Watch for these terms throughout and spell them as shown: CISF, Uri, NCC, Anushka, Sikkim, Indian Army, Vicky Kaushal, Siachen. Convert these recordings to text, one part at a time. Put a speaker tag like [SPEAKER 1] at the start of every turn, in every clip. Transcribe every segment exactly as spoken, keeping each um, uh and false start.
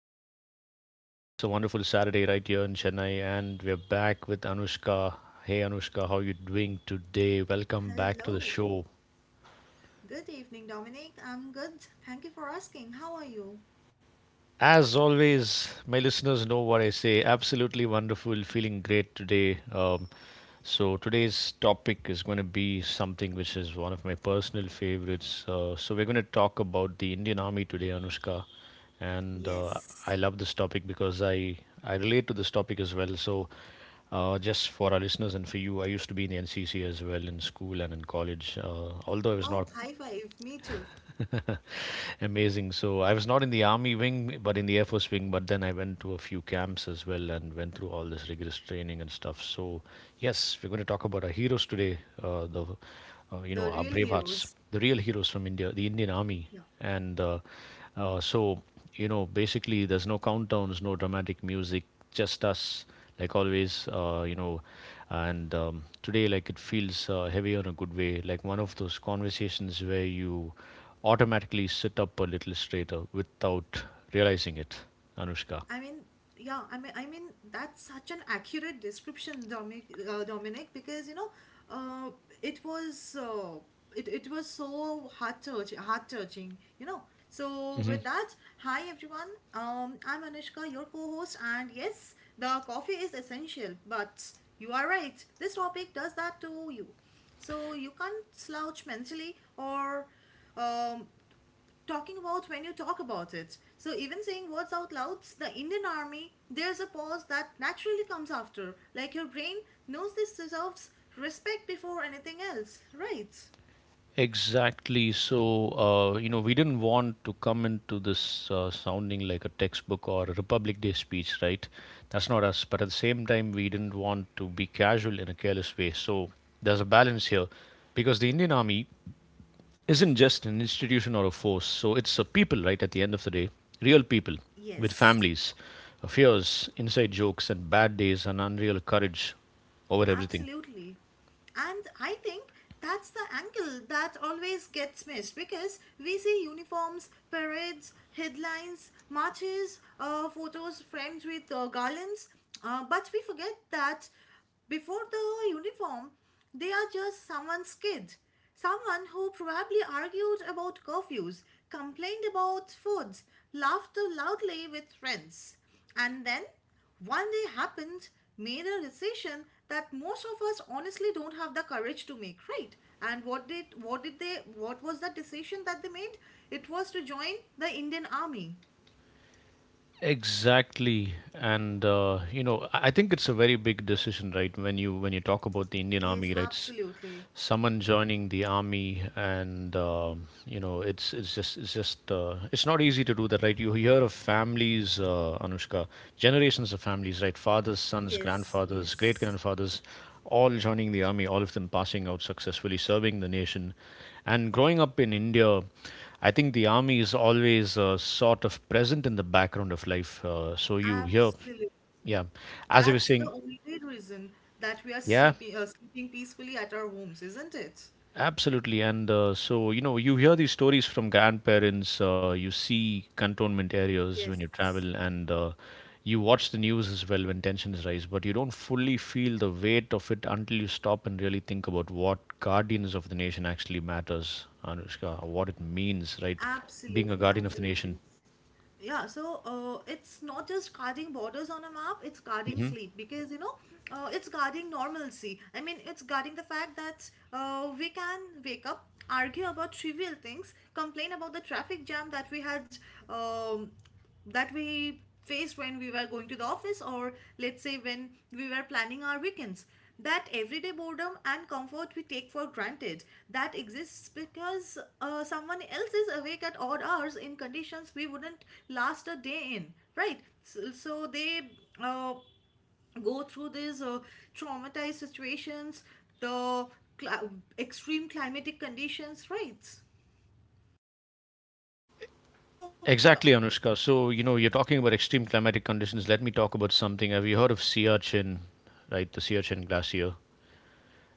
[SPEAKER 1] podcast. Today it's a wonderful Saturday right here in Chennai, and we're back with Anushka. Hey Anushka, how you doing today? Welcome back to the
[SPEAKER 2] Hello.
[SPEAKER 1] show.
[SPEAKER 2] Good evening, Dominic. I'm good. Thank you for asking. How are you?
[SPEAKER 1] As always, my listeners know what I say. Absolutely wonderful, feeling great today. Um, so, today's topic is going to be something which is one of my personal favorites. Uh, so, we're going to talk about the Indian Army today, Anushka. And uh,
[SPEAKER 2] Yes.
[SPEAKER 1] I love this topic because I, I relate to this topic as well. So, uh, just for our listeners and for you, I used to be in the N C C as well in school and in college. Uh, although I was
[SPEAKER 2] Wow,
[SPEAKER 1] not
[SPEAKER 2] high five. Me too.
[SPEAKER 1] amazing. So I was not in the army wing, but in the Air Force wing. But then I went to a few camps as well and went through all this rigorous training and stuff. So yes, we're going to talk about our heroes today. Uh, the, uh, you know,
[SPEAKER 2] The
[SPEAKER 1] our
[SPEAKER 2] real
[SPEAKER 1] brave hearts,
[SPEAKER 2] heroes.
[SPEAKER 1] the real heroes from India, the Indian Army.
[SPEAKER 2] Yeah.
[SPEAKER 1] And uh, uh, so you know Basically, there's no countdowns, no dramatic music, just us, like always uh, you know and um, Today, like, it feels uh, heavy in a good way, like one of those conversations where you automatically sit up a little straighter without realizing it, Anushka.
[SPEAKER 2] I mean, yeah, I mean, I mean that's such an accurate description, Dominic. Uh, Dominic, because you know, uh, it was uh, it it was so heart touching, heart touching. You know. So with that, hi everyone. Um, I'm Anushka, your co-host, and yes, the coffee is essential. But you are right. This topic does that to you. So you can't slouch mentally or um, talking about when you talk about it. So even saying words out loud, the Indian Army, there's a pause that naturally comes after. Like your brain knows this deserves respect before anything else, right?
[SPEAKER 1] Exactly. So, uh, you know, we didn't want to come into this uh, sounding like a textbook or a Republic Day speech, right? That's not us. But at the same time, we didn't want to be casual in a careless way. So, there's a balance here because the Indian Army isn't just an institution or a force. So, it's a people, right? At the end of the day, real people with
[SPEAKER 2] Yes.
[SPEAKER 1] families, uh, fears, inside jokes, and bad days and unreal courage over everything.
[SPEAKER 2] Absolutely. And I think that's the angle that always gets missed because we see uniforms, parades, headlines, marches, uh, photos framed with uh, garlands, uh, but we forget that before the uniform, they are just someone's kid. Someone who probably argued about curfews, complained about foods, laughed loudly with friends. And then one day happens, made a decision that most of us honestly don't have the courage to make, right? And what did what did they what was the decision that they made? It was to join the Indian Army.
[SPEAKER 1] Exactly, and uh, you know, I I think it's a very big decision, right? When you when you talk about the Indian
[SPEAKER 2] Yes,
[SPEAKER 1] Army, right? S-
[SPEAKER 2] absolutely.
[SPEAKER 1] Someone joining the army, and um, you know, it's it's just it's just uh, it's not easy to do that, right? You hear of families, uh, Anushka, generations of families, right? Fathers, sons,
[SPEAKER 2] Yes,
[SPEAKER 1] grandfathers, great
[SPEAKER 2] yes.
[SPEAKER 1] grandfathers, all joining the army, all of them passing out successfully, serving the nation, and growing up in India. I think the army is always uh, sort of present in the background of life. Uh, so you hear,
[SPEAKER 2] Absolutely.
[SPEAKER 1] yeah, as I
[SPEAKER 2] That's
[SPEAKER 1] was
[SPEAKER 2] the
[SPEAKER 1] saying,
[SPEAKER 2] only reason that we are
[SPEAKER 1] yeah,
[SPEAKER 2] sleeping, uh, sleeping peacefully at our homes, isn't it?
[SPEAKER 1] absolutely. And uh, so, you know, you hear these stories from grandparents, uh, you see cantonment areas when you
[SPEAKER 2] Yes,
[SPEAKER 1] travel, and uh, you watch the news as well when tensions rise, but you don't fully feel the weight of it until you stop and really think about what guardians of the nation actually matters, Anushka, what it means, right? Being a
[SPEAKER 2] absolutely,
[SPEAKER 1] guardian of the nation.
[SPEAKER 2] absolutely. Yeah, so uh, it's not just guarding borders on a map, it's guarding sleep because you know, uh, it's guarding normalcy. I mean, it's guarding the fact that uh, we can wake up, argue about trivial things, complain about the traffic jam that we had, um, that we faced when we were going to the office, or let's say when we were planning our weekends, that everyday boredom and comfort we take for granted, that exists because uh, someone else is awake at odd hours in conditions we wouldn't last a day in, right? So, so they uh, go through these uh, traumatized situations, the cl- extreme climatic conditions, right? So, so
[SPEAKER 1] Exactly, Anushka. So, you know, you're talking about extreme climatic conditions. Let me talk about something. Have you heard of Siachen, right? The Siachen Glacier.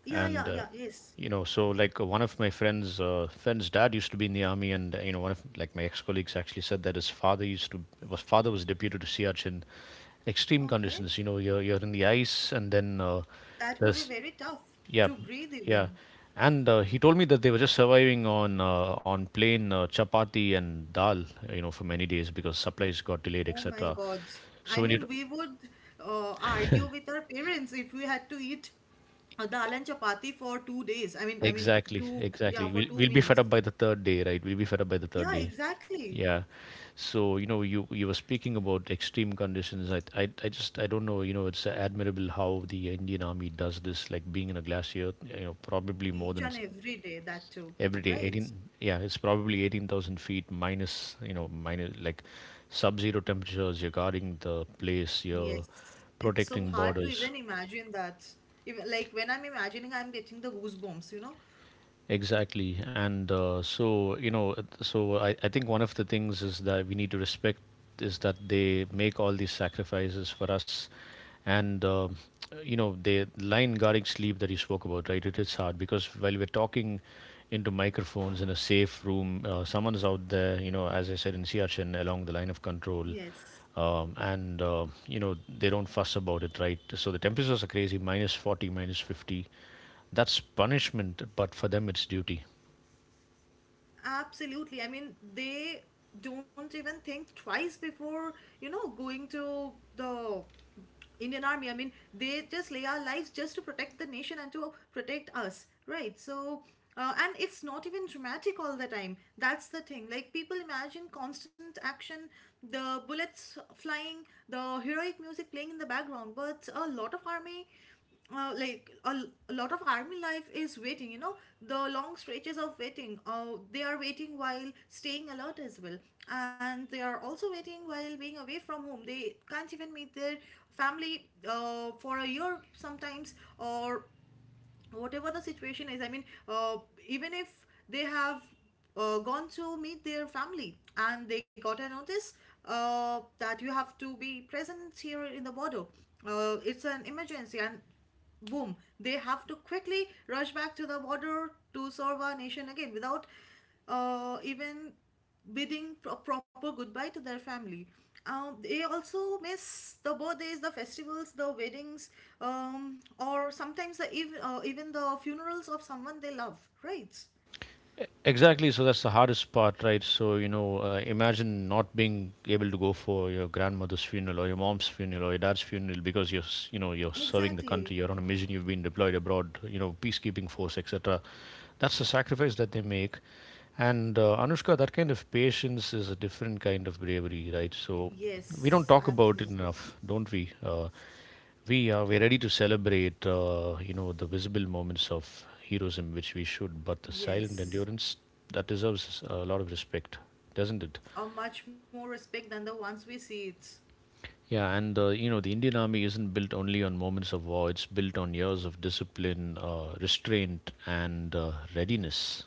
[SPEAKER 2] Yeah, yeah,
[SPEAKER 1] And uh,
[SPEAKER 2] yeah, yes.
[SPEAKER 1] You know, so, like, uh, one of my friends, uh, friend's dad used to be in the army, and uh, you know, one of, like, my ex-colleagues actually said that his father used to, was father was deputed to Siachen. Extreme
[SPEAKER 2] Okay.
[SPEAKER 1] conditions, you know, you're you're in the ice, and then uh,
[SPEAKER 2] That would be
[SPEAKER 1] there's
[SPEAKER 2] very tough
[SPEAKER 1] yeah,
[SPEAKER 2] to breathe
[SPEAKER 1] yeah,
[SPEAKER 2] even.
[SPEAKER 1] and uh, he told me that they were just surviving on uh, on plain uh, chapati and dal, uh, you know, for many days because supplies got delayed,
[SPEAKER 2] Oh my
[SPEAKER 1] etc.
[SPEAKER 2] God.
[SPEAKER 1] So
[SPEAKER 2] I
[SPEAKER 1] when you,
[SPEAKER 2] mean, we would uh, argue with our parents if we had to eat a dal and chapati for two days. I mean, I mean,
[SPEAKER 1] exactly,
[SPEAKER 2] two, yeah,
[SPEAKER 1] exactly.
[SPEAKER 2] for
[SPEAKER 1] We'll
[SPEAKER 2] two
[SPEAKER 1] we'll be fed
[SPEAKER 2] meals.
[SPEAKER 1] up by the third day, right? We'll be fed up by the third
[SPEAKER 2] Yeah,
[SPEAKER 1] day.
[SPEAKER 2] exactly.
[SPEAKER 1] Yeah. So, you know, you you were speaking about extreme conditions. I I, I just I don't know, you know, it's admirable how the Indian Army does this, like being in a glacier, you know, probably more
[SPEAKER 2] Each
[SPEAKER 1] than
[SPEAKER 2] and
[SPEAKER 1] s-
[SPEAKER 2] every day, that too,
[SPEAKER 1] every day.
[SPEAKER 2] right?
[SPEAKER 1] eighteen, yeah, it's probably eighteen thousand feet minus, you know, minus, like, sub-zero temperatures. You're guarding the place, you're
[SPEAKER 2] Yes. It's so
[SPEAKER 1] protecting
[SPEAKER 2] hard to
[SPEAKER 1] borders.
[SPEAKER 2] even imagine that. Even, like when I'm imagining, I'm getting the goosebumps, you know?
[SPEAKER 1] Exactly. And uh, so, you know, it- so I, I think one of the things is that we need to respect is that they make all these sacrifices for us. And, uh, you know, the line guarding sleep that you spoke about, right? It is hard because while we're talking into microphones in a safe room, uh, someone is out there, you know, as I said, in Siachen, along the line of control.
[SPEAKER 2] Yes.
[SPEAKER 1] Um, and, uh, you know, they don't fuss about it, right? So the temperatures are crazy, minus forty, minus fifty, that's punishment, but for them it's duty.
[SPEAKER 2] Absolutely. I mean, they don't even think twice before, you know, going to the Indian army. I mean, they just lay our lives just to protect the nation and to protect us, right? So, uh, and it's not even dramatic all the time. That's the thing. Like, people imagine constant action, the bullets flying, the heroic music playing in the background, but a lot of army, uh, like a a lot of army life is waiting, you know, the long stretches of waiting. Uh, they are waiting while staying alert as well, and they are also waiting while being away from home. They can't even meet their family uh, for a year sometimes, or whatever the situation is. I mean, uh, even if they have uh, gone to meet their family and they got a notice uh, that you have to be present here in the border, uh, it's an emergency, and boom, they have to quickly rush back to the border to serve our nation again without uh, even bidding a proper goodbye to their family. Um, they also miss the birthdays, the festivals, the weddings, um, or sometimes the ev- uh, even the funerals of someone they love, right?
[SPEAKER 1] E- Exactly, so that's the hardest part, right? So, you know, uh, imagine not being able to go for your grandmother's funeral or your mom's funeral or your dad's funeral because you're, s- you know, you're serving the country,
[SPEAKER 2] Exactly.
[SPEAKER 1] you're on a mission, you've been deployed abroad, you know, peacekeeping force, et cetera. That's the sacrifice that they make. And uh, Anushka, that kind of patience is a different kind of bravery, right? So, we don't
[SPEAKER 2] Yes,
[SPEAKER 1] talk about it
[SPEAKER 2] absolutely.
[SPEAKER 1] enough, don't we? Uh, We uh, we're ready to celebrate, uh, you know, the visible moments of heroism, which we should, but the silent
[SPEAKER 2] Yes.
[SPEAKER 1] endurance that deserves a lot of respect, doesn't it?
[SPEAKER 2] Or much more respect than the ones we see it.
[SPEAKER 1] Yeah, and uh, you know, the Indian Army isn't built only on moments of war; it's built on years of discipline, uh, restraint, and uh, readiness.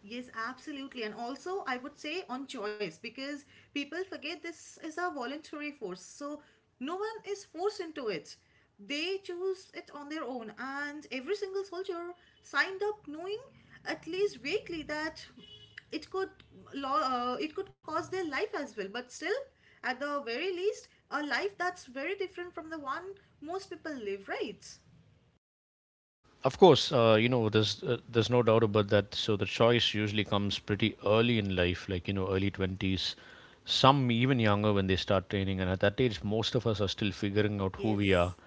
[SPEAKER 2] Yes, absolutely. And also, I would say on choice because people forget this is a voluntary force. So, no one is forced into it. They choose it on their own. And every single soldier signed up knowing, at least vaguely, that it could law uh, it could cause their life as well, but still, at the very least, a life that's very different from the one most people live, right?
[SPEAKER 1] Of course, uh, you know, there's uh, there's no doubt about that. So the choice usually comes pretty early in life, like, you know, early twenties, some even younger when they start training, and at that age most of us are still figuring out who we are.
[SPEAKER 2] Yes.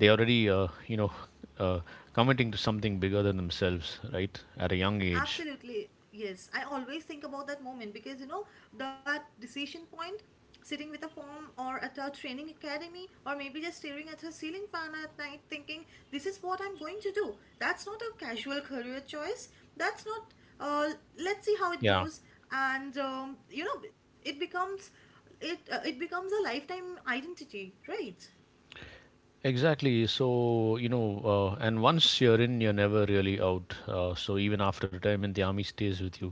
[SPEAKER 1] They already, uh, you know uh, committing to something bigger than themselves, right, at a young age.
[SPEAKER 2] Absolutely, yes. I always think about that moment because you know that decision point, sitting with a form or at a training academy, or maybe just staring at her ceiling fan at night, thinking, "This is what I'm going to do." That's not a casual career choice. That's not. Uh, let's see how it
[SPEAKER 1] Yeah,
[SPEAKER 2] goes, and um, you know, it becomes, it uh, it becomes a lifetime identity, right?
[SPEAKER 1] exactly. So you know, uh, and once you're in, you're never really out. Uh, so even after retirement, the army stays with you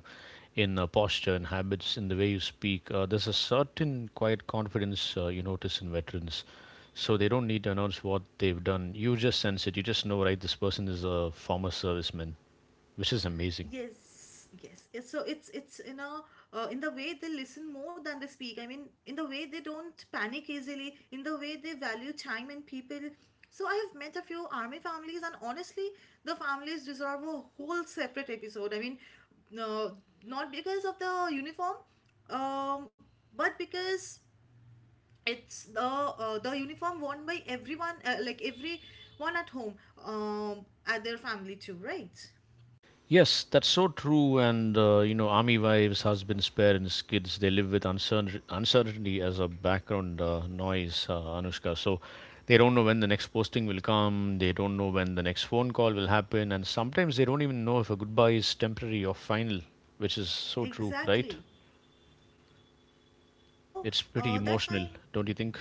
[SPEAKER 1] in uh, posture and habits, in the way you speak. Uh, there's a certain quiet confidence uh, you notice in veterans. So they don't need to announce what they've done, you just sense it, you just know, right? This person is a former serviceman, which is amazing.
[SPEAKER 2] Yes, yes. It's, so it's it's in a uh, in the way they listen more than they speak. I mean, in the way they don't panic easily. In the way they value time and people. So I have met a few army families, and honestly, the families deserve a whole separate episode. I mean, no, not because of the uniform, um, but because it's the uh, the uniform worn by everyone, uh, like everyone at home, um, at their family too, right?
[SPEAKER 1] Yes, that's so true. And uh, you know, army wives, husbands, parents, kids—they live with uncertain uncertainty as a background uh, noise, uh, Anushka. So they don't know when the next posting will come. They don't know when the next phone call will happen, and sometimes they don't even know if a goodbye is temporary or final, which is so true, right?
[SPEAKER 2] Exactly. So
[SPEAKER 1] It's pretty
[SPEAKER 2] uh, that
[SPEAKER 1] emotional,
[SPEAKER 2] kind,
[SPEAKER 1] don't you think?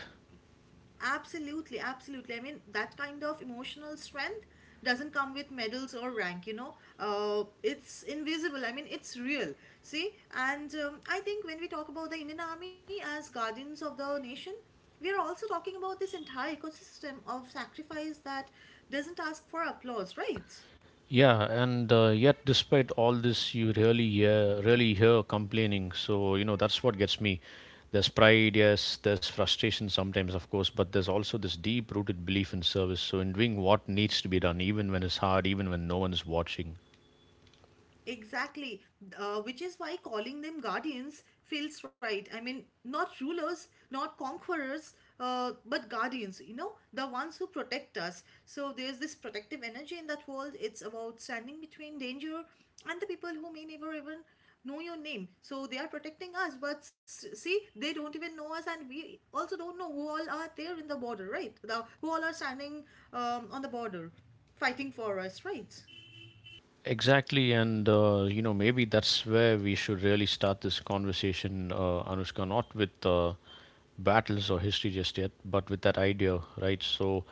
[SPEAKER 2] absolutely, absolutely. I mean, that kind of emotional strength doesn't come with medals or rank. You know, uh, it's invisible. I mean, it's real. See, and um, I think when we talk about the Indian Army as guardians of the nation, we are also talking about this entire ecosystem of sacrifice that doesn't ask for applause, right?
[SPEAKER 1] Yeah, and uh, yet despite all this, you really hear, really hear complaining. So, you know, that's what gets me. There's pride, yes, there's frustration sometimes, of course, but there's also this deep rooted belief in service. So, in doing what needs to be done, even when it's hard, even when no one's watching.
[SPEAKER 2] Exactly, uh, which is why calling them guardians feels right. I mean, not rulers, not conquerors, uh, but guardians, you know, the ones who protect us. So there's this protective energy in that world. It's about standing between danger and the people who may never even know your name. So they are protecting us, but s- see, they don't even know us, and we also don't know who all are there in the border, right? The, who all are standing um, on the border, fighting for us, right?
[SPEAKER 1] Exactly, and uh, you know, maybe that's where we should really start this conversation, uh, Anushka, not with uh, battles or history just yet, but with that idea, right? So,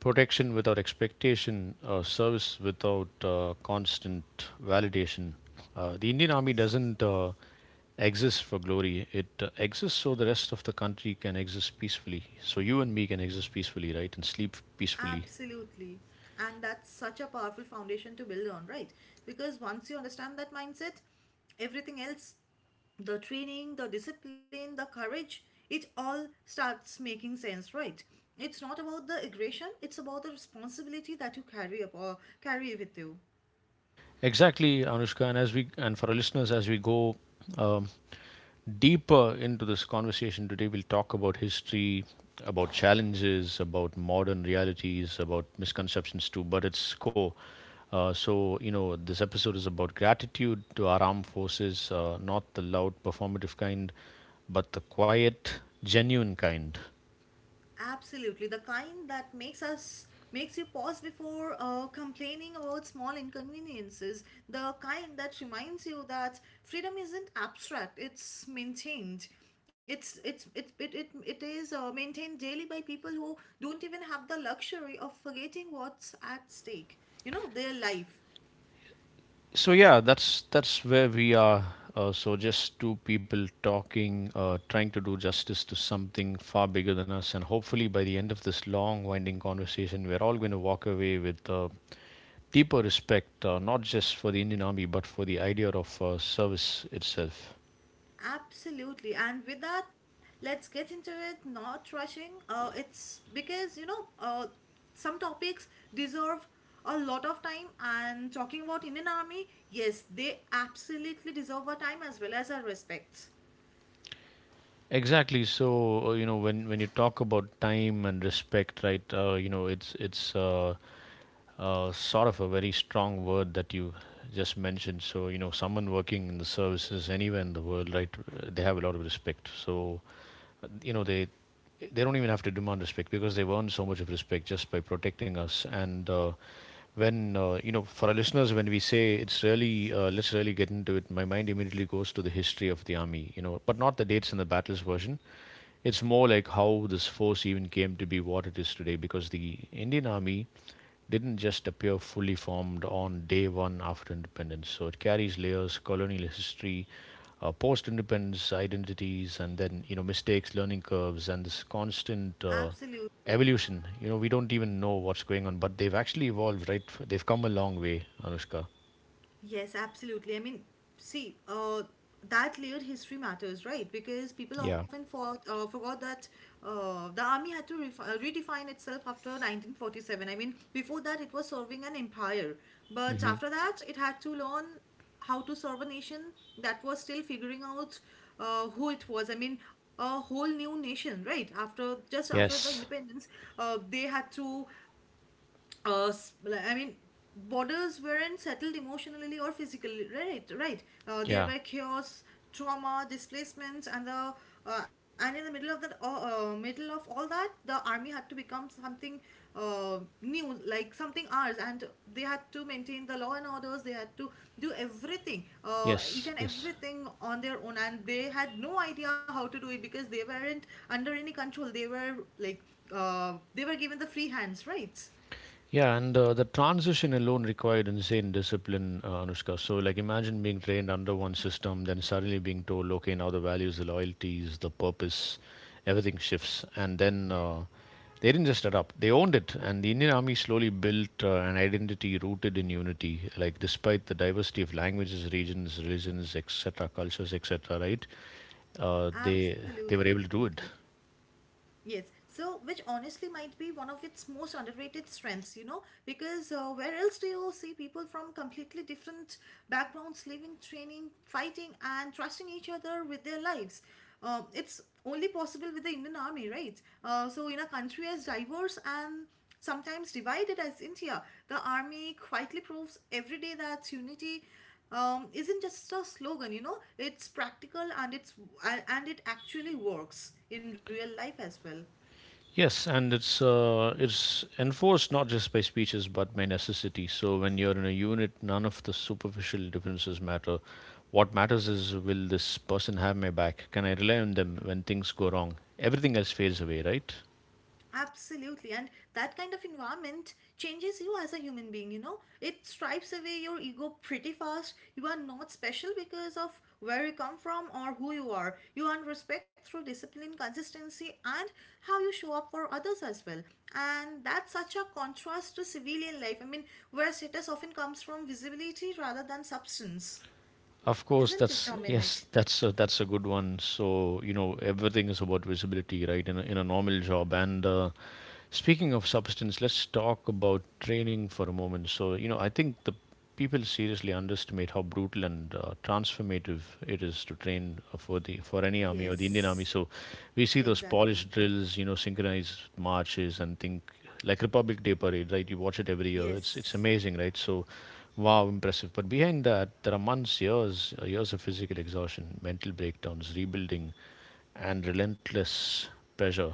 [SPEAKER 1] protection without expectation, uh, service without uh, constant validation. Uh, the Indian Army doesn't uh, exist for glory, it uh, exists so the rest of the country can exist peacefully. So you and me can exist peacefully, right? And sleep peacefully.
[SPEAKER 2] Absolutely. And that's such a powerful foundation to build on, right? Because once you understand that mindset, everything else, the training, the discipline, the courage, it all starts making sense, right? It's not about the aggression, it's about the responsibility that you carry up or carry with you.
[SPEAKER 1] Exactly, Anushka. And as we, and for our listeners, as we go um, deeper into this conversation today, we'll talk about history, about challenges, about modern realities, about misconceptions too, but it's core. Uh, so, you know, this episode is about gratitude to our armed forces, uh, not the loud performative kind, but the quiet, genuine kind.
[SPEAKER 2] Absolutely, the kind that makes us, makes you pause before uh, complaining about small inconveniences. The kind that reminds you that freedom isn't abstract; it's maintained. It's it's it it it, it is uh, maintained daily by people who don't even have the luxury of forgetting what's at stake. You know, their life.
[SPEAKER 1] So yeah, that's that's where we are. Uh, so just two people talking, uh, trying to do justice to something far bigger than us, and hopefully by the end of this long, winding conversation, we're all going to walk away with uh, deeper respect, uh, not just for the Indian Army, but for the idea of uh, service itself.
[SPEAKER 2] Absolutely. And with that, let's get into it, not rushing. Uh, it's because, you know, uh, some topics deserve a lot of time. And talking about Indian Army, yes, they absolutely deserve our time as well as our respects.
[SPEAKER 1] Exactly. So uh, you know, when when you talk about time and respect, right? Uh, you know, it's it's uh, Uh, sort of a very strong word that you just mentioned. So, you know, someone working in the services anywhere in the world, right, uh, they have a lot of respect. So, uh, you know, they they don't even have to demand respect because they've earned so much of respect just by protecting us. And uh, when, uh, you know, for our listeners, when we say it's really, uh, let's really get into it, my mind immediately goes to the history of the army, you know, but not the dates and the battles version. It's more like how this force even came to be what it is today, because the Indian Army didn't just appear fully formed on day one after independence. So it carries layers, colonial history, uh, post-independence identities, and then you know mistakes, learning curves, and this constant uh,
[SPEAKER 2] Absolutely.
[SPEAKER 1] evolution. You know we don't even know what's going on, but they've actually evolved. Right? They've come a long way, Anushka.
[SPEAKER 2] Yes, absolutely. I mean, see, uh, that layered history matters, right? Because people
[SPEAKER 1] Yeah.
[SPEAKER 2] often fought, uh, forgot that uh, the army had to refi uh, redefine itself after nineteen forty-seven. I mean, before that, it was serving an empire, but
[SPEAKER 1] Hmm.
[SPEAKER 2] after that, it had to learn how to serve a nation that was still figuring out uh, who it was. I mean, a whole new nation, right? After just after the
[SPEAKER 1] Yes.
[SPEAKER 2] independence, uh, they had to uh, s- like, I mean, borders weren't settled emotionally or physically, right? Right. Uh, there
[SPEAKER 1] Yeah.
[SPEAKER 2] were chaos, trauma, displacements, and the uh, and in the middle of that, uh, uh, middle of all that, the army had to become something uh, new, like something ours, and they had to maintain the law and orders. They had to do everything, uh, each
[SPEAKER 1] Yes.
[SPEAKER 2] and
[SPEAKER 1] Yes.
[SPEAKER 2] everything on their own, and they had no idea how to do it because they weren't under any control. They were like uh, they were given the free hands, right?
[SPEAKER 1] Yeah, and uh, the transition alone required insane discipline, uh, Anushka. So, like, imagine being trained under one system, then suddenly being told, okay, now the values, the loyalties, the purpose, everything shifts. And then uh, they didn't just adapt, they owned it. And the Indian Army slowly built uh, an identity rooted in unity, like, despite the diversity of languages, regions, religions, et cetera, cultures, et cetera, right? Uh, they,
[SPEAKER 2] Absolutely.
[SPEAKER 1] they were able to do
[SPEAKER 2] Absolutely.
[SPEAKER 1] it.
[SPEAKER 2] Yes. So, which honestly might be one of its most underrated strengths, you know, because uh, where else do you see people from completely different backgrounds living, training, fighting, and trusting each other with their lives? Um, it's only possible with the Indian Army, right? Uh, so, in a country as diverse and sometimes divided as India, the army quietly proves every day that unity um, isn't just a slogan. You know, it's practical, and it's and it actually works in real life as well.
[SPEAKER 1] Yes, and it's uh, it's enforced not just by speeches but by necessity. So when you're in a unit, none of the superficial differences matter. What matters is, will this person have my back? Can I rely on them when things go wrong? Everything else fades away, right?
[SPEAKER 2] Absolutely, and that kind of environment changes you as a human being, you know. It stripes away your ego pretty fast. You are not special because of where you come from or who you are. You earn respect through discipline, consistency, and how you show up for others as well. And that's such a contrast to civilian life. I mean, where status often comes from visibility rather than substance.
[SPEAKER 1] Of course,
[SPEAKER 2] Isn't it,
[SPEAKER 1] that's
[SPEAKER 2] Dominic?
[SPEAKER 1] yes, that's a, that's a good one. So, you know, everything is about visibility, right? In a, in a normal job, and uh, speaking of substance, let's talk about training for a moment. So, you know, I think the people seriously underestimate how brutal and uh, transformative it is to train uh, for the for any army or the Indian army.
[SPEAKER 2] Yes,
[SPEAKER 1] So, we see those
[SPEAKER 2] exactly.
[SPEAKER 1] polished drills, you know, synchronized marches, and think like Republic Day parade, right? You watch it every year. It's it's
[SPEAKER 2] Yes.
[SPEAKER 1] amazing, right? So, wow, impressive. But behind that, there are months, years, uh, years of physical exhaustion, mental breakdowns, rebuilding, and relentless pressure.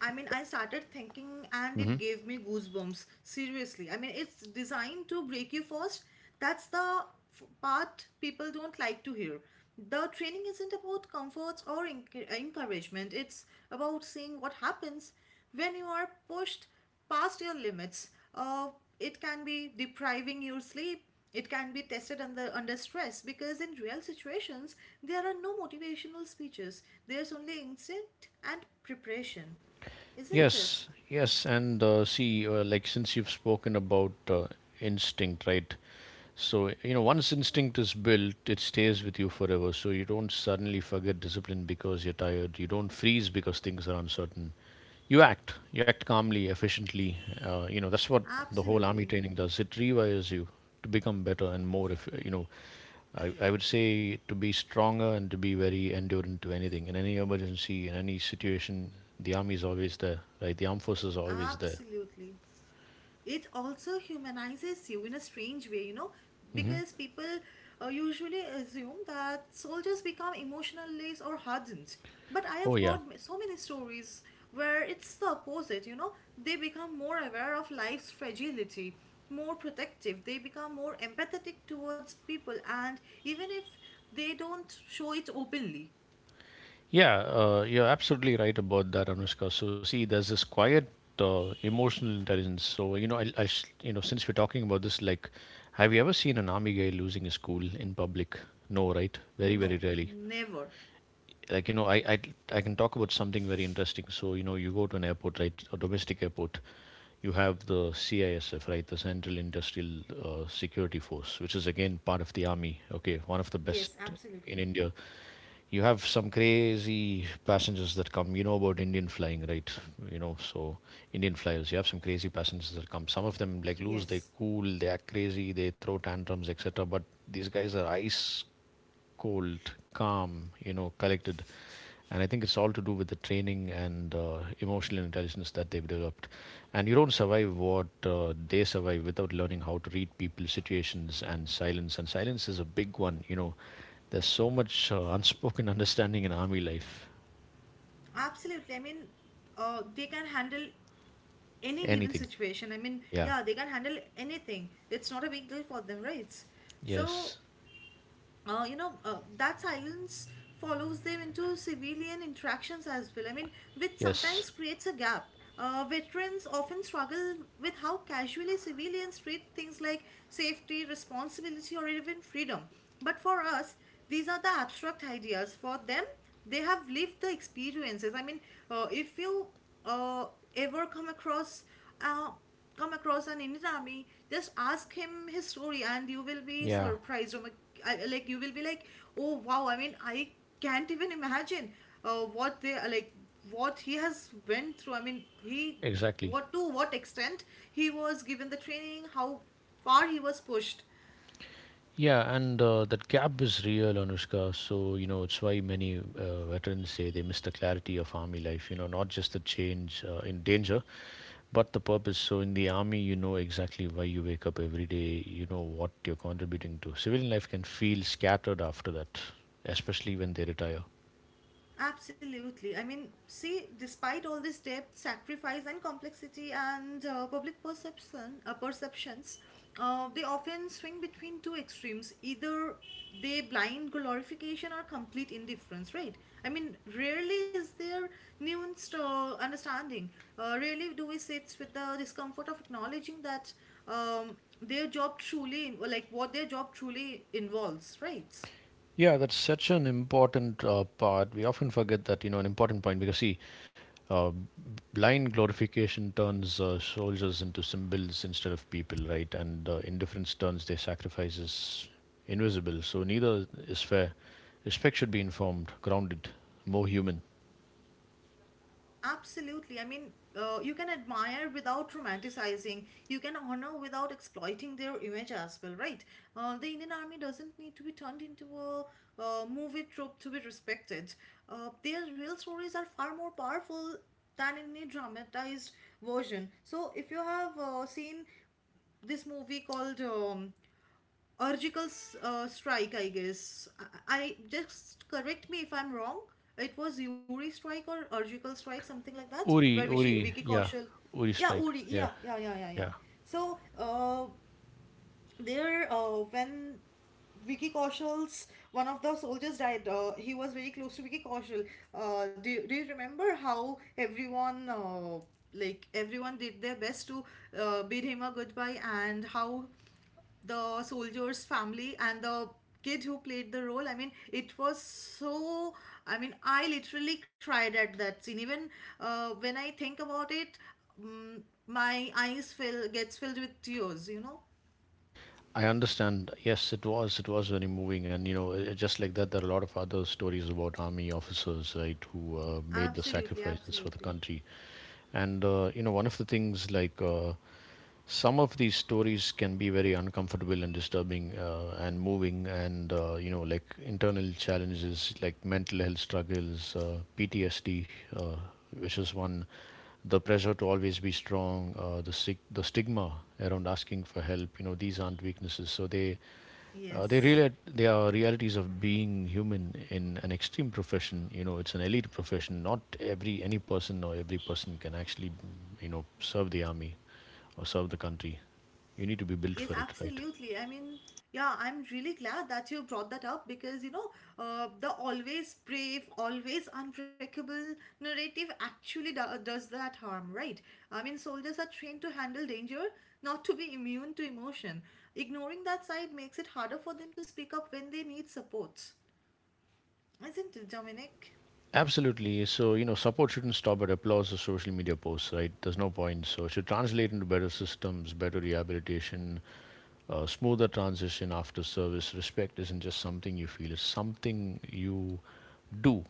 [SPEAKER 2] I mean, I started thinking and it gave me goosebumps. Seriously. I mean, it's designed to break you first. That's the f- part people don't like to hear. The training isn't about comforts or enc- encouragement, it's about seeing what happens when you are pushed past your limits. Uh, it can be depriving your sleep. It can be tested under, under stress because in real situations, there are no motivational speeches. There's only instinct and preparation. Isn't it?
[SPEAKER 1] Yes, yes, and uh, see, uh, like since you've spoken about uh, instinct, right? So, you know, once instinct is built, it stays with you forever. So, you don't suddenly forget discipline because you're tired. You don't freeze because things are uncertain. You act. You act calmly, efficiently. Uh, you know, that's what the whole army
[SPEAKER 2] Absolutely.
[SPEAKER 1] training does. It rewires you to become better and more, if, you know, I, I would say, to be stronger and to be very endurant to anything in any emergency in any situation. The army is always there, right? The armed forces are always there.
[SPEAKER 2] Absolutely. It also humanizes you in a strange way, you know,
[SPEAKER 1] Hmm.
[SPEAKER 2] because people uh, usually assume that soldiers become emotional lace or hardened. But I
[SPEAKER 1] Oh,
[SPEAKER 2] have
[SPEAKER 1] yeah.
[SPEAKER 2] heard ma- so many stories where it's the opposite, you know, they become more aware of life's fragility, more protective, they become more empathetic towards people, and even if they don't show it openly,
[SPEAKER 1] Yeah, uh, you're absolutely right about that, Anushka. So, see, there's this quiet uh, emotional intelligence. So, you know, I, I, s- you know, since we're talking about this, like, have you ever seen an army guy losing his cool in public? No, right? Very, very
[SPEAKER 2] no,
[SPEAKER 1] rarely.
[SPEAKER 2] never.
[SPEAKER 1] Like, you know, I, I i can talk about something very interesting. So, you know, you go to an airport, right? A domestic airport. You have the CISF, right? The Central Industrial, uh, Security Force, which is again part of the army. Okay, one of the best
[SPEAKER 2] Yes,
[SPEAKER 1] in
[SPEAKER 2] absolutely.
[SPEAKER 1] India. You have some crazy passengers that come. You know about Indian flying, right? You know, so, Indian flyers, you have some crazy passengers that come. Some of them like lose they
[SPEAKER 2] Yes,
[SPEAKER 1] cool, they act crazy, they throw tantrums, etc., but these guys are ice cold, calm, you know, collected. And I think it's all to do with the training and uh, emotional intelligence that they've developed. And you don't survive what uh, they survive without learning how to read people, situations, and silence. And silence is a big one. You know, there's so much uh, unspoken understanding in army life.
[SPEAKER 2] absolutely. I mean, uh, they can handle any given
[SPEAKER 1] Anything.
[SPEAKER 2] situation. I mean,
[SPEAKER 1] Yeah.
[SPEAKER 2] yeah, they can handle anything. It's not a big deal for them, right? So,
[SPEAKER 1] Yes.
[SPEAKER 2] uh, you know, uh, that silence follows them into civilian interactions as well. I mean, which
[SPEAKER 1] Yes.
[SPEAKER 2] sometimes creates a gap. Uh, veterans often struggle with how casually civilians treat things like safety, responsibility, or even freedom. But for us, these are the abstract ideas. For them, they have lived the experiences. I mean, uh, if you uh, ever come across uh, come across an Indian army, just ask him his story, and you will be
[SPEAKER 1] Yeah.
[SPEAKER 2] surprised. Or like, I- like you will be like, oh wow! I mean, I can't even imagine uh, what they like, what he has went through. I mean, he
[SPEAKER 1] Exactly.
[SPEAKER 2] what to what extent he was given the training, how far he was pushed.
[SPEAKER 1] Yeah, and uh, that gap is real, Anushka. So, you know, it's why many uh, veterans say they miss the clarity of army life, you know, not just the change uh, in danger, but the purpose. So, in the army, you know exactly why you wake up every day, you know what you're contributing to. Civilian life can feel scattered after that, especially when they retire.
[SPEAKER 2] Absolutely. I mean, see, despite all this depth, sacrifice, and complexity, and uh, public perception, uh, perceptions, uh, they often swing between two extremes. Either they blind glorification or complete indifference, right? I mean, rarely is there nuanced uh, understanding. Uh, rarely do we sit with the discomfort of acknowledging that um, their job truly, like what their job truly involves, right?
[SPEAKER 1] Yeah, that's such an important uh, part. We often forget that, you know, an important point because, see, uh, blind glorification turns uh, soldiers into symbols instead of people, right? And uh, indifference turns their sacrifices invisible. So neither is fair. Respect should be informed, grounded, more human.
[SPEAKER 2] Absolutely. I mean, uh, you can admire without romanticizing. You can honor without exploiting their image as well, right? Uh, the Indian Army doesn't need to be turned into a uh, movie trope to be respected. Uh, their real stories are far more powerful than in a dramatized version. So, if you have uh, seen this movie called um, Urgical s- uh, strike, I guess. I, I Just correct me if I'm wrong. It was Yuri strike or Urgical strike, something like that, where
[SPEAKER 1] Uri,
[SPEAKER 2] Vicky,
[SPEAKER 1] Uri,
[SPEAKER 2] Vicky
[SPEAKER 1] yeah,
[SPEAKER 2] Kaushal.
[SPEAKER 1] Uri
[SPEAKER 2] Yeah,
[SPEAKER 1] strike,
[SPEAKER 2] Uri.
[SPEAKER 1] yeah,
[SPEAKER 2] Yeah, yeah, yeah, yeah, yeah.
[SPEAKER 1] yeah.
[SPEAKER 2] So, uh, there uh, when Vicky Kaushal's one of the soldiers died. Uh, he was very close to Vicky Kaushal. Uh, do, do you remember how everyone uh, like everyone did their best to uh, bid him a goodbye and how the soldier's family and the kid who played the role, I mean, it was so, i mean I literally cried at that scene. Even uh, when I think about it, mm, my eyes fill gets filled with tears, you know.
[SPEAKER 1] I understand. Yes, it was. It was very moving, and you know, uh, just like that, there are a lot of other stories about army officers, right, who uh, made the
[SPEAKER 2] Absolutely,
[SPEAKER 1] sacrifices
[SPEAKER 2] absolutely.
[SPEAKER 1] for the country. And uh, you know, one of the things, like, uh, some of these stories can be very uncomfortable and disturbing uh, and moving and uh, you know, like, internal challenges like mental health struggles, uh, PTSD, uh, which is one, the pressure to always be strong, uh, the sig- the stigma around asking for help, you know, these aren't weaknesses. So they, uh, they
[SPEAKER 2] Yes.
[SPEAKER 1] really, they are realities of being human in an extreme profession. You know, it's an elite profession. Not every, any person or every person can actually, you know, serve the army or serve the country. You need to be built
[SPEAKER 2] Yes,
[SPEAKER 1] for it, right?
[SPEAKER 2] absolutely. I mean, yeah, I'm really glad that you brought that up because, you know, uh, the always brave, always unbreakable narrative actually do- does that harm, right? I mean, soldiers are trained to handle danger, not to be immune to emotion. Ignoring that side makes it harder for them to speak up when they need support. Isn't it, Dominic?
[SPEAKER 1] Absolutely. So, you know, support shouldn't stop at applause or social media posts, right? There's no point. So, it should translate into better systems, better rehabilitation, uh, smoother transition after service. Respect isn't just something you feel, it's something you do.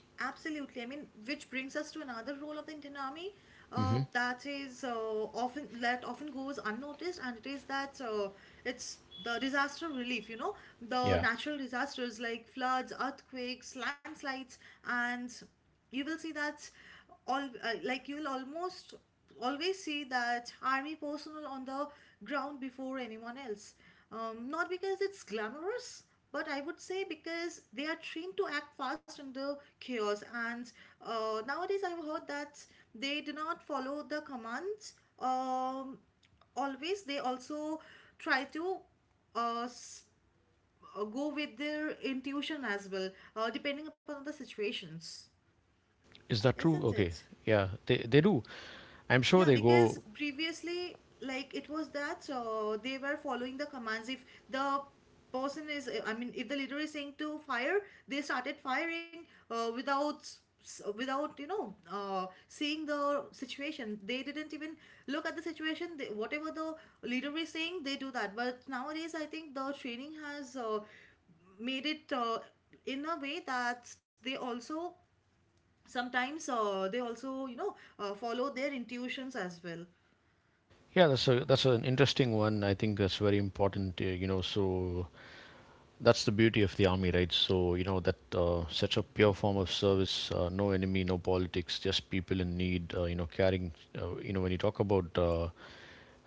[SPEAKER 2] Absolutely. I mean, which brings us to another role of the Indian Army uh,
[SPEAKER 1] Hmm.
[SPEAKER 2] that is uh, often that often goes unnoticed, and it is that uh, it's the disaster relief. You know, the
[SPEAKER 1] Yeah.
[SPEAKER 2] natural disasters like floods, earthquakes, landslides, and you will see that all uh, like you'll almost always see that army personnel on the ground before anyone else, um, not because it's glamorous but I would say because they are trained to act fast in the chaos. And uh, nowadays I've heard that they do not follow the commands, um, always they also try to uh, s- uh, go with their intuition as well, uh, depending upon the situations.
[SPEAKER 1] Is that true?
[SPEAKER 2] Isn't
[SPEAKER 1] Okay.
[SPEAKER 2] it?
[SPEAKER 1] Yeah, they, they do. I'm sure
[SPEAKER 2] Yeah,
[SPEAKER 1] they
[SPEAKER 2] because
[SPEAKER 1] go.
[SPEAKER 2] previously, like it was that uh, they were following the commands. If the person is, I mean, if the leader is saying to fire, they started firing uh, without s- without, you know, uh, seeing the situation. They didn't even look at the situation. They, whatever the leader is saying, they do that. But nowadays, I think the training has uh, made it uh, in a way that they also sometimes uh, they also, you know, uh, follow their intuitions as well.
[SPEAKER 1] Yeah, that's a that's an interesting one. I think that's very important. Uh, you know, so, that's the beauty of the army, right? So, you know, that uh, such a pure form of service, uh, no enemy, no politics, just people in need, uh, you know, caring. Uh, you know, when you talk about uh,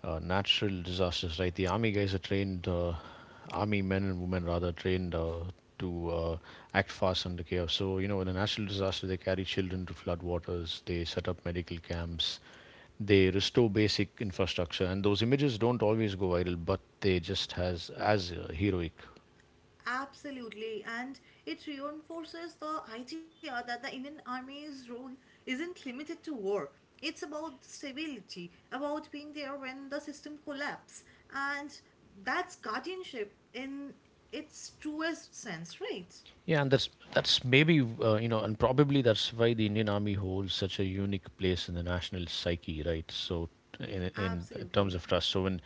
[SPEAKER 1] uh, natural disasters, right? The army guys are trained, uh, army men and women rather, trained uh, to uh, act fast under chaos. So, you know, in a natural disaster, they carry children to flood waters, they set up medical camps, they restore basic infrastructure. And those images don't always go viral, but they just has as uh, heroic.
[SPEAKER 2] Absolutely. And it reinforces the idea that the Indian army's role isn't limited to war. It's about stability, about being there when the system collapses, and that's guardianship in its truest sense, right?
[SPEAKER 1] Yeah, and that's that's maybe, uh, you know, and probably that's why the Indian Army holds such a unique place in the national psyche, right? So, t- in in
[SPEAKER 2] Absolutely.
[SPEAKER 1] terms of trust, so when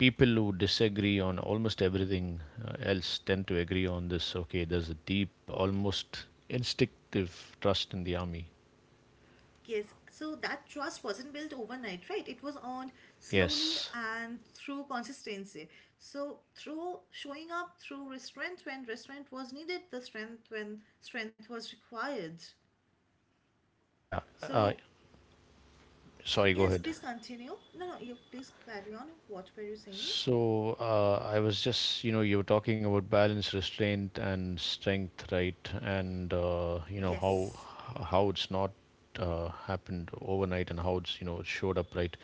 [SPEAKER 1] people who disagree on almost everything uh, else tend to agree on this, okay, there's a deep, almost instinctive trust in the army.
[SPEAKER 2] Yes, so that trust wasn't built overnight, right? It was earned slowly
[SPEAKER 1] Yes.
[SPEAKER 2] and through consistency. So through showing up, through restraint when restraint was needed, the strength when strength was required.
[SPEAKER 1] Yeah. Uh,
[SPEAKER 2] So
[SPEAKER 1] sorry. Go
[SPEAKER 2] yes,
[SPEAKER 1] ahead.
[SPEAKER 2] please continue. No, no, you please carry on. What were you saying?
[SPEAKER 1] So uh, I was just, you know, you were talking about balance, restraint, and strength, right? And uh, you know,
[SPEAKER 2] Yes.
[SPEAKER 1] how how it's not uh, happened overnight, and how it's, you know, showed up, right?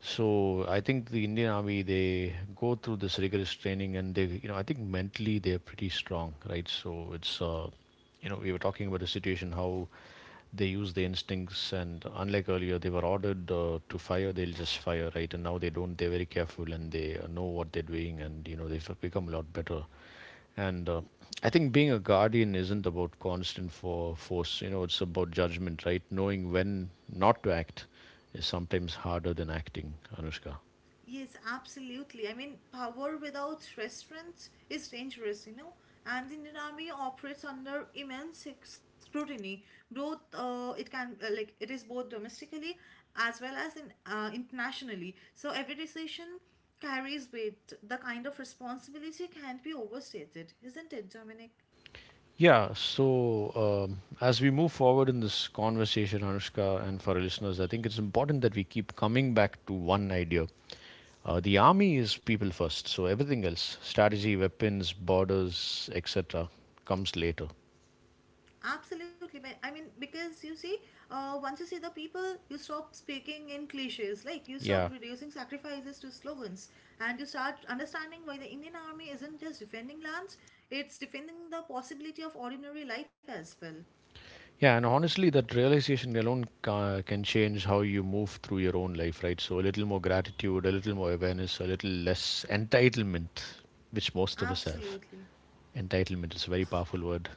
[SPEAKER 1] So I think the Indian Army, they go through this rigorous training, and they, you know, I think mentally they're pretty strong, right? So it's uh, you know, we were talking about a situation, how they use their instincts, and unlike earlier, they were ordered uh, to fire, they'll just fire, right? And now they don't, they're very careful, and they uh, know what they're doing, and you know, they've become a lot better. And uh, I think being a guardian isn't about constant for force. You know, it's about judgment, right? Knowing when not to act is sometimes harder than acting, Anushka.
[SPEAKER 2] Yes, absolutely. I mean, power without restraints is dangerous, you know. And the Indian army operates under immense scrutiny. Both, uh, it can uh, like it is both domestically as well as in uh, internationally. So every decision carries weight. The kind of responsibility can't be overstated, isn't it, Dominic?
[SPEAKER 1] Yeah, so um, as we move forward in this conversation, Anushka, and for our listeners, I think it's important that we keep coming back to one idea. Uh, the army is people first, so everything else, strategy, weapons, borders, et cetera, comes later.
[SPEAKER 2] Absolutely. but- I mean, because you see, uh, once you see the people, you stop speaking in cliches. Like, you stop
[SPEAKER 1] Yeah.
[SPEAKER 2] reducing sacrifices to slogans and you start understanding why the Indian army isn't just defending lands, it's defending the possibility of ordinary life as well.
[SPEAKER 1] Yeah, and honestly, that realization alone ca- can change how you move through your own life, right? So, a little more gratitude, a little more awareness, a little less entitlement, which most of us have.
[SPEAKER 2] Absolutely.
[SPEAKER 1] Entitlement is a very
[SPEAKER 2] S-
[SPEAKER 1] powerful word.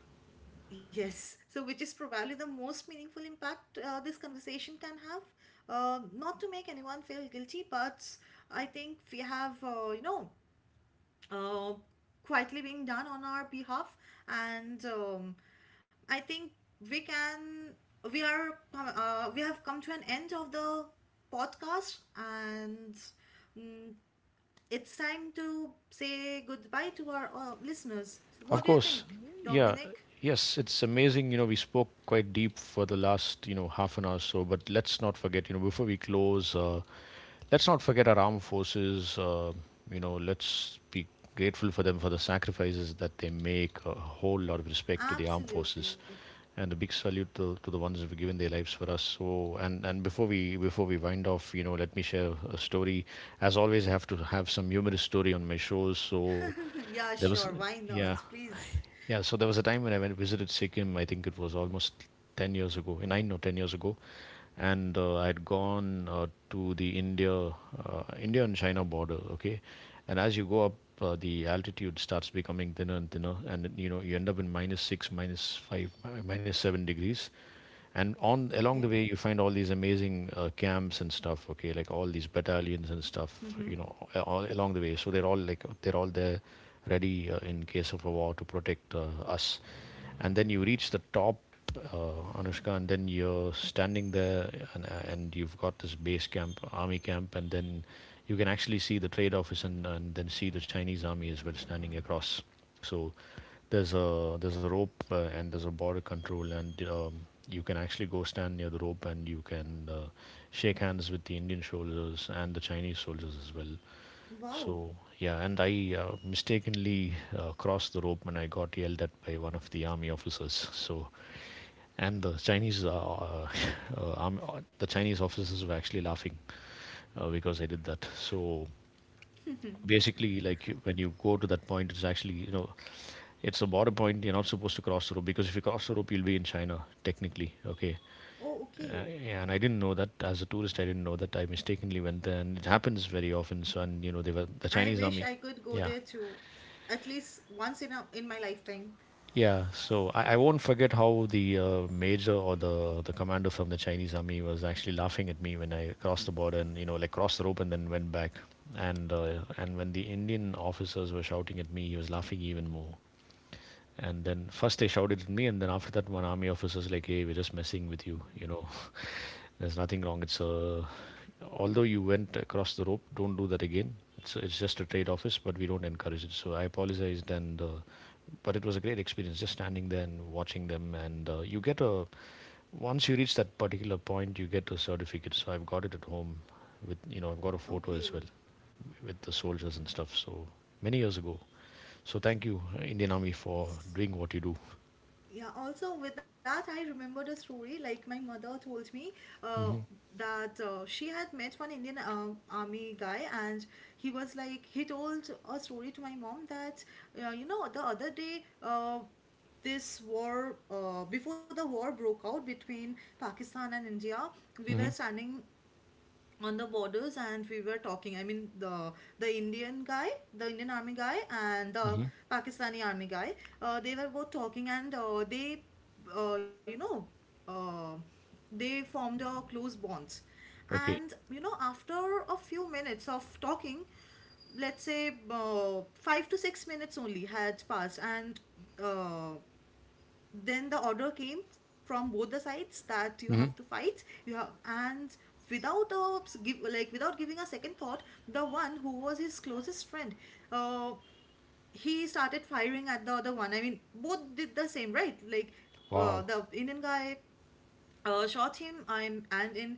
[SPEAKER 2] Yes. So, which is probably the most meaningful impact uh, this conversation can have. Uh, not to make anyone feel guilty, but I think we have, uh, you know, uh, quietly being done on our behalf. And um, I think we can we are, uh, we have come to an end of the podcast. And mm, it's time to say goodbye to our uh, listeners. So
[SPEAKER 1] Of
[SPEAKER 2] what do you
[SPEAKER 1] course.
[SPEAKER 2] think,
[SPEAKER 1] Yeah.
[SPEAKER 2] Dominic?
[SPEAKER 1] Yes, it's amazing. You know, we spoke quite deep for the last, you know, half an hour or so, but let's not forget, you know, before we close, uh, let's not forget our armed forces. Uh, you know, let's be grateful for them for the sacrifices that they make. A whole lot of respect to the armed
[SPEAKER 2] Absolutely.
[SPEAKER 1] forces, and a big salute to, to the ones who've given their lives for us. So, and and before we before we wind off, you know, let me share a story. As always, I have to have some humorous story on my shows. So
[SPEAKER 2] Yeah,
[SPEAKER 1] there was,
[SPEAKER 2] sure, why
[SPEAKER 1] yeah,
[SPEAKER 2] not? Please.
[SPEAKER 1] yeah, so there was a time when I went visited Sikkim. I think it was almost ten years ago, eh, nine or ten years ago, and uh, I had gone uh, to the India, uh, India and China border. Okay, and as you go up, uh, the altitude starts becoming thinner and thinner, and you know, you end up in minus six, minus five, mi- minus seven degrees, and on along the
[SPEAKER 2] Okay.
[SPEAKER 1] way, you find all these amazing uh, camps and stuff. Okay, like, all these battalions and stuff,
[SPEAKER 2] Mm-hmm.
[SPEAKER 1] you know, a- all along the way. So they're all like, they're all there, ready uh, in case of a war, to protect uh, us. And then you reach the top, uh, Anushka, and then you're standing there, and uh, and you've got this base camp, army camp, and then you can actually see the trade office, and, and then see the Chinese army as well, standing across. So there's a there's a rope, uh, and there's a border control, and um, you can actually go stand near the rope, and you can uh, shake hands with the Indian soldiers and the Chinese soldiers as well.
[SPEAKER 2] Wow.
[SPEAKER 1] So yeah, and I uh, mistakenly uh, crossed the rope, and I got yelled at by one of the army officers. So, and the Chinese uh, uh, army, uh, the Chinese officers were actually laughing uh, because I did that. So, basically, like, you- when you go to that point, it's actually, you know, it's a border point, you're not supposed to cross the rope, because if you cross the rope, you'll be in China, technically. Okay,
[SPEAKER 2] Oh, okay.
[SPEAKER 1] uh, yeah, and I didn't know that. As a tourist, I didn't know that. I mistakenly went there, and it happens very often. So, and you know, they were the
[SPEAKER 2] I
[SPEAKER 1] Chinese
[SPEAKER 2] wish
[SPEAKER 1] army.
[SPEAKER 2] I could go
[SPEAKER 1] Yeah,
[SPEAKER 2] there too, at least once in a in my lifetime.
[SPEAKER 1] yeah, so i, I won't forget how the uh, major or the the commander from the Chinese army was actually laughing at me when I crossed the border, and you know, like, crossed the rope and then went back. And uh, and when the Indian officers were shouting at me, he was laughing even more. And then first they shouted at me, and then after that, one army officer's like, "Hey, we're just messing with you. You know, there's nothing wrong. It's a Although you went across the rope, don't do that again. It's it's just a trade office, but we don't encourage it." So I apologized, and uh, but it was a great experience, just standing there and watching them. And uh, you get a once you reach that particular point, you get a certificate. So I've got it at home, with you know, I've got a photo as well
[SPEAKER 2] Okay.
[SPEAKER 1] with the soldiers and stuff. So, many years ago. So, thank you, Indian Army, for
[SPEAKER 2] S-
[SPEAKER 1] doing what you do.
[SPEAKER 2] Yeah. Also, with that, I remembered a story. Like my mother told me, uh,
[SPEAKER 1] Hmm.
[SPEAKER 2] that uh, she had met one Indian uh, army guy, and he was like he told a story to my mom that, uh, you know, the other day, uh, this war uh, before the war broke out between Pakistan and India, we were
[SPEAKER 1] Mm-hmm.
[SPEAKER 2] standing on the borders and we were talking. I mean, the the indian guy the Indian army guy and the
[SPEAKER 1] Mm-hmm.
[SPEAKER 2] Pakistani army guy, uh, they were both talking. And uh, they uh, you know uh, they formed a close bond. And
[SPEAKER 1] Okay.
[SPEAKER 2] you know, after a few minutes of talking, let's say uh, five to six minutes only had passed, and uh, then the order came from both the sides that you have to
[SPEAKER 1] Mm-hmm.
[SPEAKER 2] fight. You have, and without a give like without giving a second thought, the one who was his closest friend, uh he started firing at the other one. I mean, both did the same, right? Like, uh,
[SPEAKER 1] Wow.
[SPEAKER 2] the Indian guy uh, shot him. I'm and in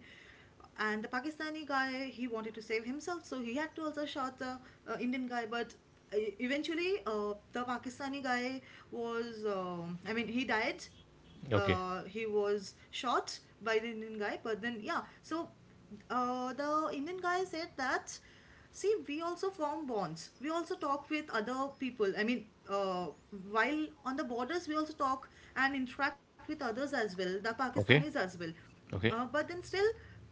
[SPEAKER 2] And the Pakistani guy, he wanted to save himself, so he had to also shot the, uh, Indian guy. But uh, eventually, uh, the Pakistani guy was, um I mean, he died. Uh,
[SPEAKER 1] Okay.
[SPEAKER 2] he was shot by the Indian guy, but then, yeah. So uh, the Indian guy said that, see, we also form bonds. We also talk with other people. I mean, uh, while on the borders, we also talk and interact with others as well, the Pakistanis
[SPEAKER 1] Okay.
[SPEAKER 2] as well. Uh,
[SPEAKER 1] Okay.
[SPEAKER 2] but then still,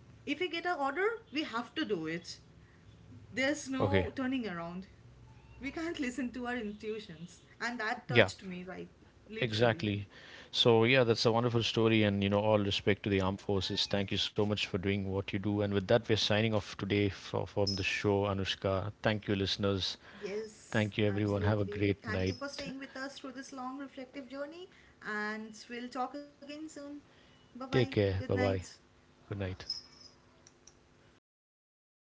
[SPEAKER 2] if we get an order, we have to do it. There's no
[SPEAKER 1] Okay.
[SPEAKER 2] turning around. We can't listen to our intuitions. And that
[SPEAKER 1] Yeah,
[SPEAKER 2] touched me, right? Literally.
[SPEAKER 1] exactly. So, yeah, that's a wonderful story, and you know, all respect to the armed forces. Thank you so much for doing what you do. And with that, we're signing off today for, from the show, Anushka. Thank you, listeners.
[SPEAKER 2] Yes,
[SPEAKER 1] Thank you, everyone. Have a
[SPEAKER 2] absolutely.
[SPEAKER 1] great
[SPEAKER 2] Thank you
[SPEAKER 1] night.
[SPEAKER 2] for staying with us through this long reflective journey, and we'll talk again soon. Bye bye.
[SPEAKER 1] Take
[SPEAKER 2] Good
[SPEAKER 1] care. Bye
[SPEAKER 2] night.
[SPEAKER 1] bye. Good night.